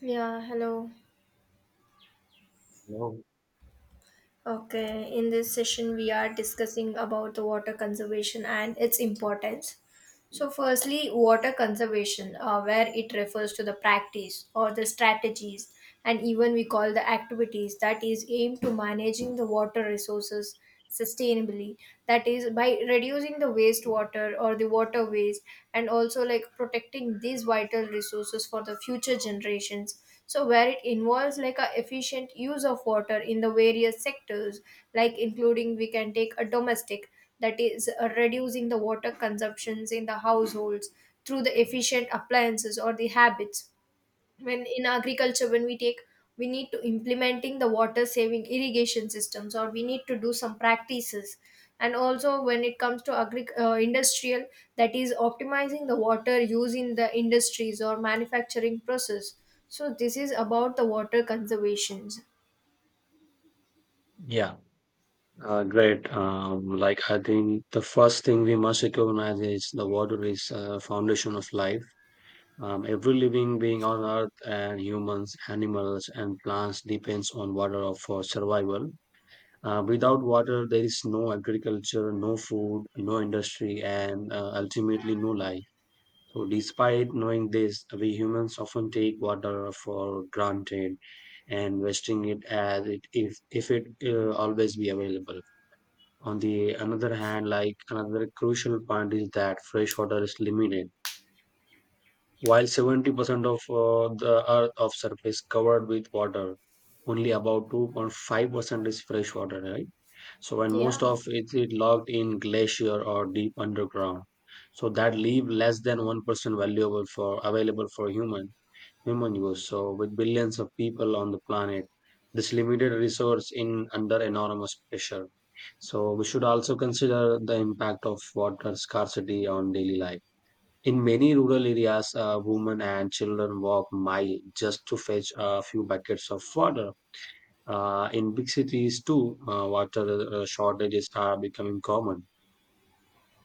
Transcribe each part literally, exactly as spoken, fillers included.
Yeah, hello. No. Okay, in this session we are discussing about the water conservation and its importance. So, firstly, water conservation, uh, where it refers to the practice or the strategies, and even we call the activities that is aimed to managing the water resources sustainably. That is by reducing the wastewater or the water waste, and also like protecting these vital resources for the future generations. So, where it involves like a efficient use of water in the various sectors, like including we can take a domestic that is uh, reducing the water consumptions in the households through the efficient appliances or the habits, when in agriculture when we take we need to implementing the water saving irrigation systems or we need to do some practices, and also when it comes to agri- uh, industrial, that is optimizing the water use in the industries or manufacturing process. So this is about the water conservations. Yeah, uh, great. Um, like I think the first thing we must recognize is the water is a foundation of life. Um, every living being on earth and humans, animals, and plants depends on water for survival. Uh, without water, there is no agriculture, no food, no industry, and uh, ultimately no life. So, despite knowing this, we humans often take water for granted and wasting it as it if if it uh, always be available. On the another hand, like another crucial point is that fresh water is limited. While seventy percent of uh, the earth of surface covered with water, only about two point five percent is fresh water, right? So and most Yeah. of it is locked in glacier or deep underground. So that leave less than one percent valuable for available for human human use. So with billions of people on the planet, this limited resource in under enormous pressure. So we should also consider the impact of water scarcity on daily life. In many rural areas, uh, women and children walk mile just to fetch a few buckets of water. Uh, in big cities too, uh, water uh, shortages are becoming common,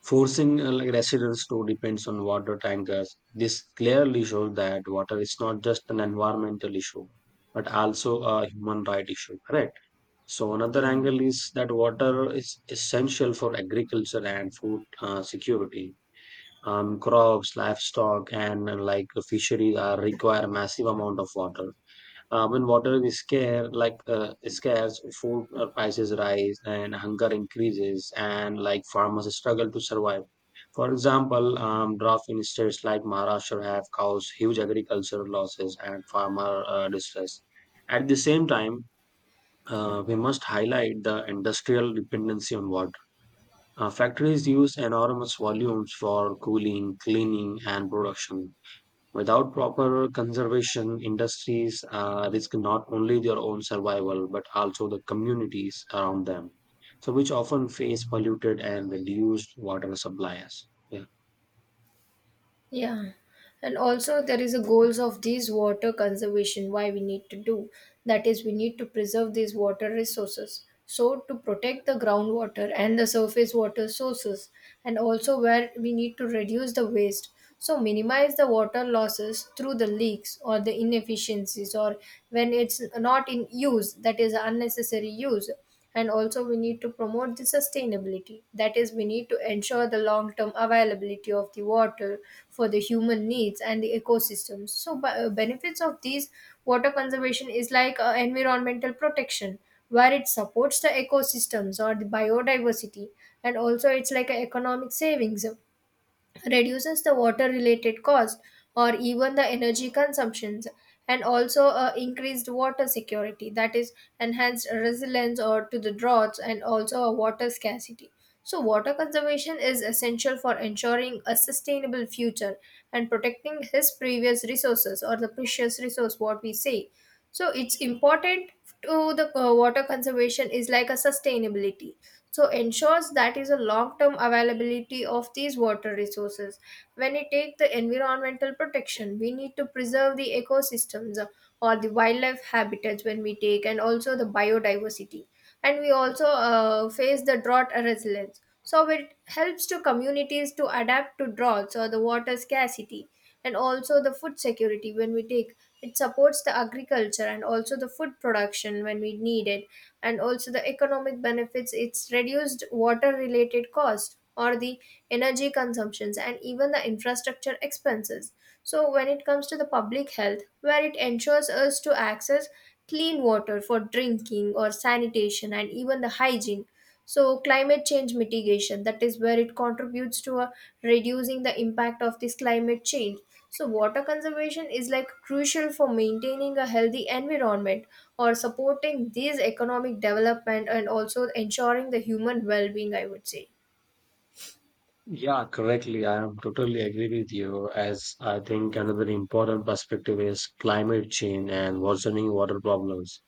forcing uh, like residents to depend on water tankers. This clearly shows that water is not just an environmental issue, but also a human right issue. Correct. So another Yeah. angle is that water is essential for agriculture and food uh, security. Um, crops, livestock, and uh, like fisheries are require massive amount of water uh, when water is scarce, like uh, is scarce, food uh, prices rise and hunger increases, and like farmers struggle to survive. For example, um, drought in states like Maharashtra have caused huge agricultural losses and farmer uh, distress. At the same time, uh, we must highlight the industrial dependency on water. Uh, factories use enormous volumes for cooling, cleaning, and production. Without proper conservation, industries uh, risk not only their own survival but also the communities around them, so which often face polluted and reduced water supplies. Yeah. Yeah, and also there is a goals of these water conservation. Why we need to do that is we need to preserve these water resources. So to protect the groundwater and the surface water sources, and also where we need to reduce the waste. So minimize the water losses through the leaks or the inefficiencies, or when it's not in use, that is unnecessary use. And also we need to promote the sustainability, that is we need to ensure the long term availability of the water for the human needs and the ecosystems. So b- uh, benefits of these water conservation is like uh, environmental protection, where it supports the ecosystems or the biodiversity, and also it's like an economic savings, reduces the water related cost or even the energy consumptions, and also uh, increased water security, that is enhanced resilience or to the droughts and also a water scarcity. So water conservation is essential for ensuring a sustainable future and protecting his previous resources, or the precious resource, what we say. So it's important to the uh, water conservation is like a sustainability, so ensures that is a long term availability of these water resources. When we take the environmental protection, we need to preserve the ecosystems, uh, or the wildlife habitats when we take, and also the biodiversity. And we also uh, face the drought resilience, so it helps to communities to adapt to droughts or the water scarcity. And also the food security when we take, it supports the agriculture and also the food production when we need it. And also the economic benefits, it's reduced water related cost or the energy consumptions and even the infrastructure expenses. So when it comes to the public health, where it ensures us to access clean water for drinking or sanitation and even the hygiene. So climate change mitigation, that is where it contributes to a reducing the impact of this climate change. So, water conservation is like crucial for maintaining a healthy environment or supporting these economic development and also ensuring the human well being, I would say. Yeah, correctly. I am totally agree with you. As I think another important perspective is climate change and worsening water problems.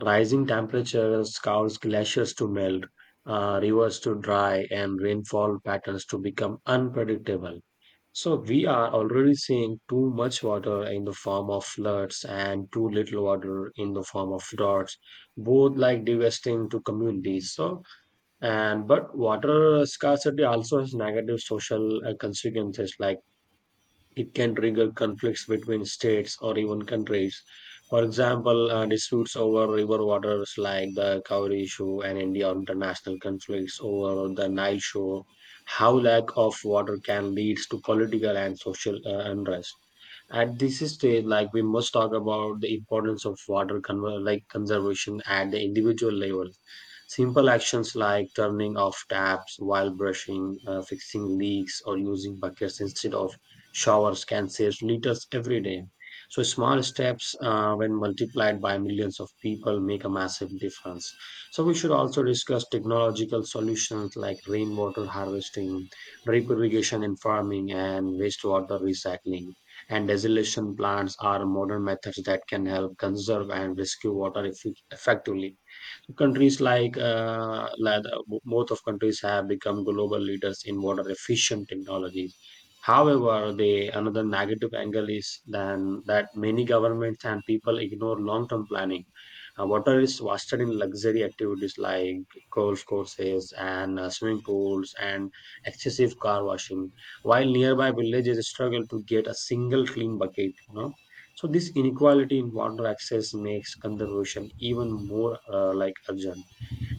Rising temperatures cause glaciers to melt, uh, rivers to dry, and rainfall patterns to become unpredictable. So we are already seeing too much water in the form of floods and too little water in the form of droughts, both like devastating to communities. So and but water scarcity also has negative social uh, consequences like it can trigger conflicts between states or even countries. For example, uh, disputes over river waters like the Cowrie issue and India or international conflicts over the Nile shore. How lack of water can lead to political and social uh, unrest. At this stage, like we must talk about the importance of water conver- like conservation at the individual level. Simple actions like turning off taps while brushing, uh, fixing leaks, or using buckets instead of showers can save liters every day. So small steps, uh, when multiplied by millions of people, make a massive difference. So we should also discuss technological solutions like rainwater harvesting, drip irrigation in farming, and wastewater recycling and desalination plants are modern methods that can help conserve and rescue water effi- effectively. Countries like, uh, like uh, bo- both of countries have become global leaders in water efficient technologies. However, the another negative angle is than that many governments and people ignore long-term planning. Uh, water is wasted in luxury activities like golf courses and uh, swimming pools and excessive car washing, while nearby villages struggle to get a single clean bucket. You know? So this inequality in water access makes conservation even more uh, like urgent.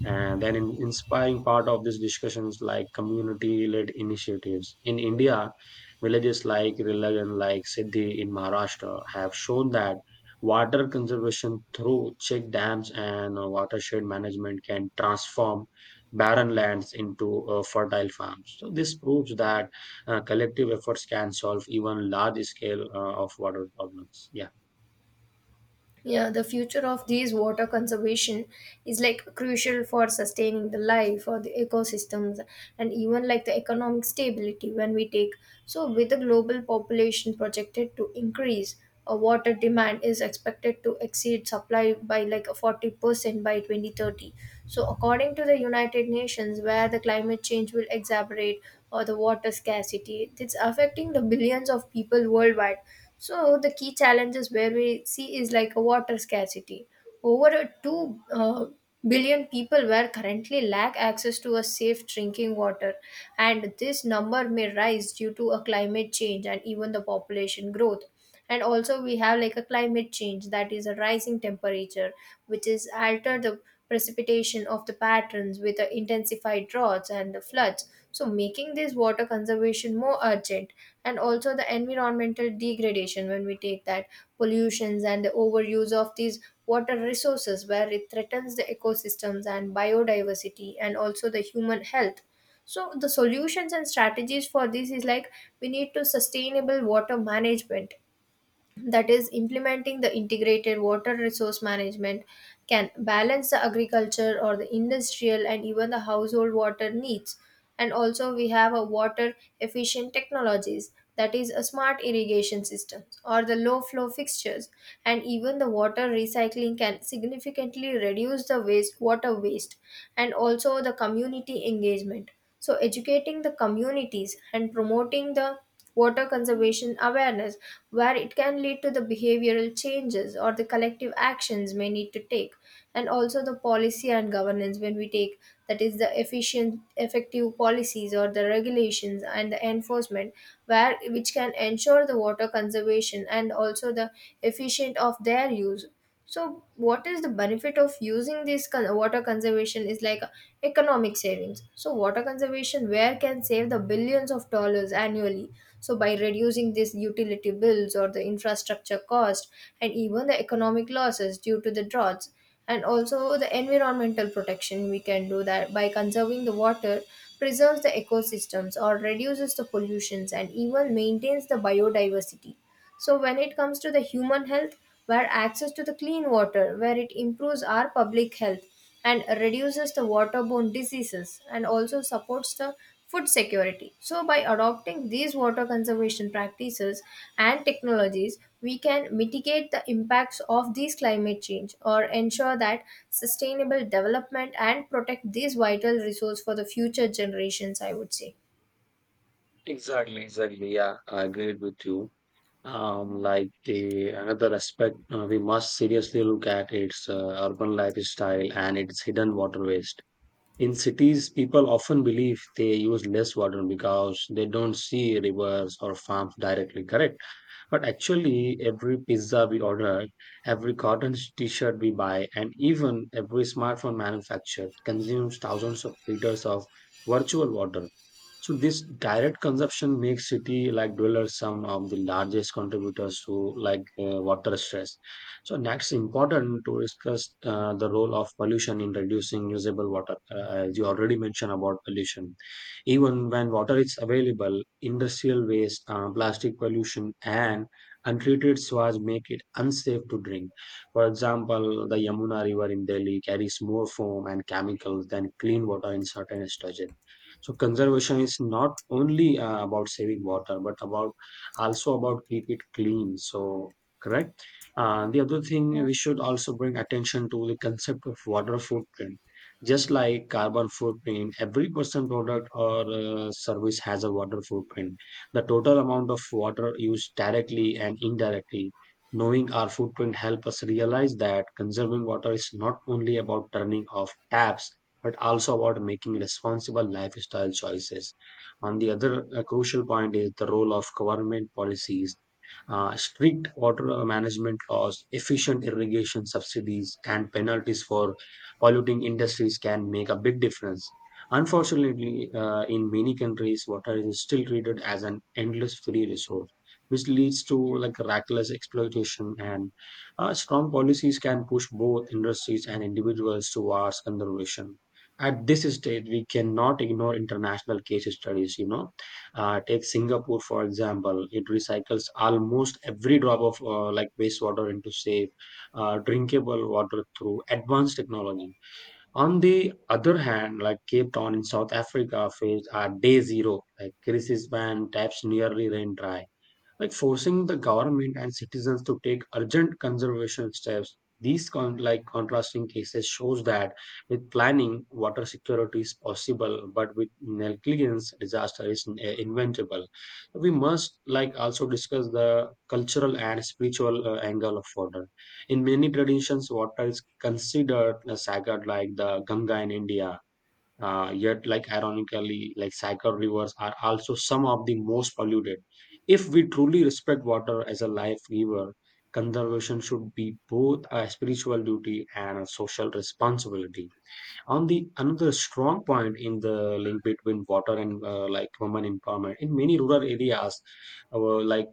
And then an inspiring part of this discussion is like community-led initiatives. In India, villages like Rillag and like Siddhi in Maharashtra have shown that water conservation through check dams and uh, watershed management can transform barren lands into uh, fertile farms. So this proves that uh, collective efforts can solve even large scale uh, of water problems. Yeah. Yeah, the future of these water conservation is like crucial for sustaining the life or the ecosystems, and even like the economic stability when we take. So with the global population projected to increase, a water demand is expected to exceed supply by like forty percent by twenty thirty. So according to the United Nations, where the climate change will exacerbate or the water scarcity, it's affecting the billions of people worldwide. So the key challenges where we see is like a water scarcity. Over a two uh, billion people were currently lack access to a safe drinking water, and this number may rise due to a climate change and even the population growth. And also we have like a climate change, that is a rising temperature, which is alter the precipitation of the patterns with the intensified droughts and the floods, so making this water conservation more urgent. And also the environmental degradation when we take, that pollutions and the overuse of these water resources, where it threatens the ecosystems and biodiversity and also the human health. So the solutions and strategies for this is like, we need to sustainable water management, that is implementing the integrated water resource management can balance the agriculture or the industrial and even the household water needs. And also we have a water efficient technologies, that is a smart irrigation systems or the low flow fixtures, and even the water recycling can significantly reduce the waste water waste. And also the community engagement, so educating the communities and promoting the water conservation awareness, where it can lead to the behavioral changes or the collective actions may need to take. And also the policy and governance when we take, that is the efficient effective policies or the regulations and the enforcement, where which can ensure the water conservation and also the efficient of their use. So, what is the benefit of using this con- water conservation is like economic savings. So, water conservation where can save the billions of dollars annually. So, by reducing this utility bills or the infrastructure cost, and even the economic losses due to the droughts. And also the environmental protection, we can do that by conserving the water, preserves the ecosystems or reduces the pollutions and even maintains the biodiversity. So when it comes to the human health, where access to the clean water, where it improves our public health and reduces the waterborne diseases and also supports the food security. So by adopting these water conservation practices and technologies, we can mitigate the impacts of these climate change or ensure that sustainable development and protect these vital resource for the future generations, I would say. Exactly, exactly. Yeah, I agree with you. Um, like the another aspect uh, we must seriously look at its uh, urban lifestyle and its hidden water waste. In cities, people often believe they use less water because they don't see rivers or farms directly, correct? But actually, every pizza we order, every cotton t-shirt we buy, and even every smartphone manufactured consumes thousands of liters of virtual water. So this direct consumption makes city like dwellers some of the largest contributors to like uh, water stress. So next important to discuss uh, the role of pollution in reducing usable water. Uh, as you already mentioned about pollution, even when water is available, industrial waste, uh, plastic pollution, and untreated sewage make it unsafe to drink. For example, the Yamuna River in Delhi carries more foam and chemicals than clean water in certain stages. So conservation is not only uh, about saving water but about also about keep it clean. So correct. Uh, the other thing Yeah. we should also bring attention to the concept of water footprint. Just like carbon footprint, every person product or uh, service has a water footprint, the total amount of water used directly and indirectly. Knowing our footprint help us realize that conserving water is not only about turning off taps but also about making responsible lifestyle choices. And the other uh, crucial point is the role of government policies. Uh, strict water management laws, efficient irrigation subsidies, and penalties for polluting industries can make a big difference. Unfortunately, uh, in many countries, water is still treated as an endless free resource, which leads to like reckless exploitation. And uh, strong policies can push both industries and individuals towards conservation. At this stage, we cannot ignore international case studies, you know. Uh, take Singapore for example, it recycles almost every drop of uh, like wastewater into safe uh, drinkable water through advanced technology. On the other hand, like Cape Town in South Africa faced a day zero like crisis when taps nearly ran dry, like forcing the government and citizens to take urgent conservation steps. These con- like contrasting cases shows that with planning water security is possible, but with negligence disaster is in- eh, inventable. We must like also discuss the cultural and spiritual uh, angle of water. In many traditions water is considered a sacred like the Ganga in India. Uh, yet like ironically like cycle rivers are also some of the most polluted. If we truly respect water as a life giver, conservation should be both a spiritual duty and a social responsibility. On the another strong point in the link between water and uh, like women empowerment in many rural areas, uh, like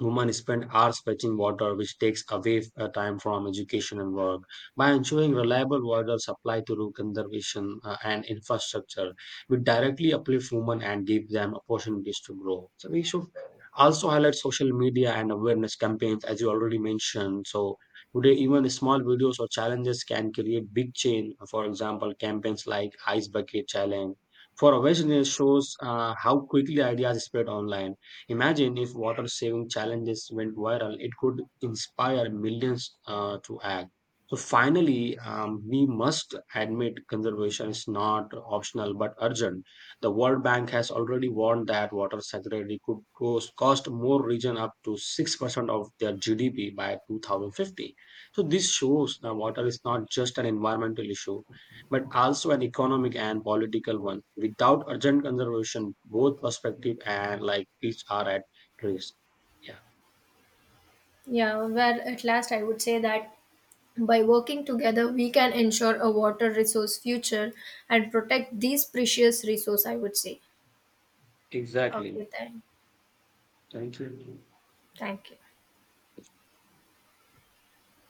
Women spend hours fetching water, which takes away uh, time from education and work. By ensuring reliable water supply through conservation uh, and infrastructure, we directly uplift women and give them opportunities to grow. So we should also highlight social media and awareness campaigns, as you already mentioned. So today, even small videos or challenges can create big change. For example, campaigns like Ice Bucket Challenge for awareness shows uh, how quickly ideas spread online. Imagine if water saving challenges went viral, it could inspire millions uh, to act. So, finally, um, we must admit conservation is not optional but urgent. The World Bank has already warned that water security could cost, cost more region up to six percent of their G D P by two thousand fifty. So, this shows that water is not just an environmental issue, but also an economic and political one. Without urgent conservation, both perspective and like each are at risk. Yeah. Yeah, well, at last I would say that by working together, we can ensure a water resource future and protect these precious resource, I would say. Okay, Exactly. thank, Thank you. thank you.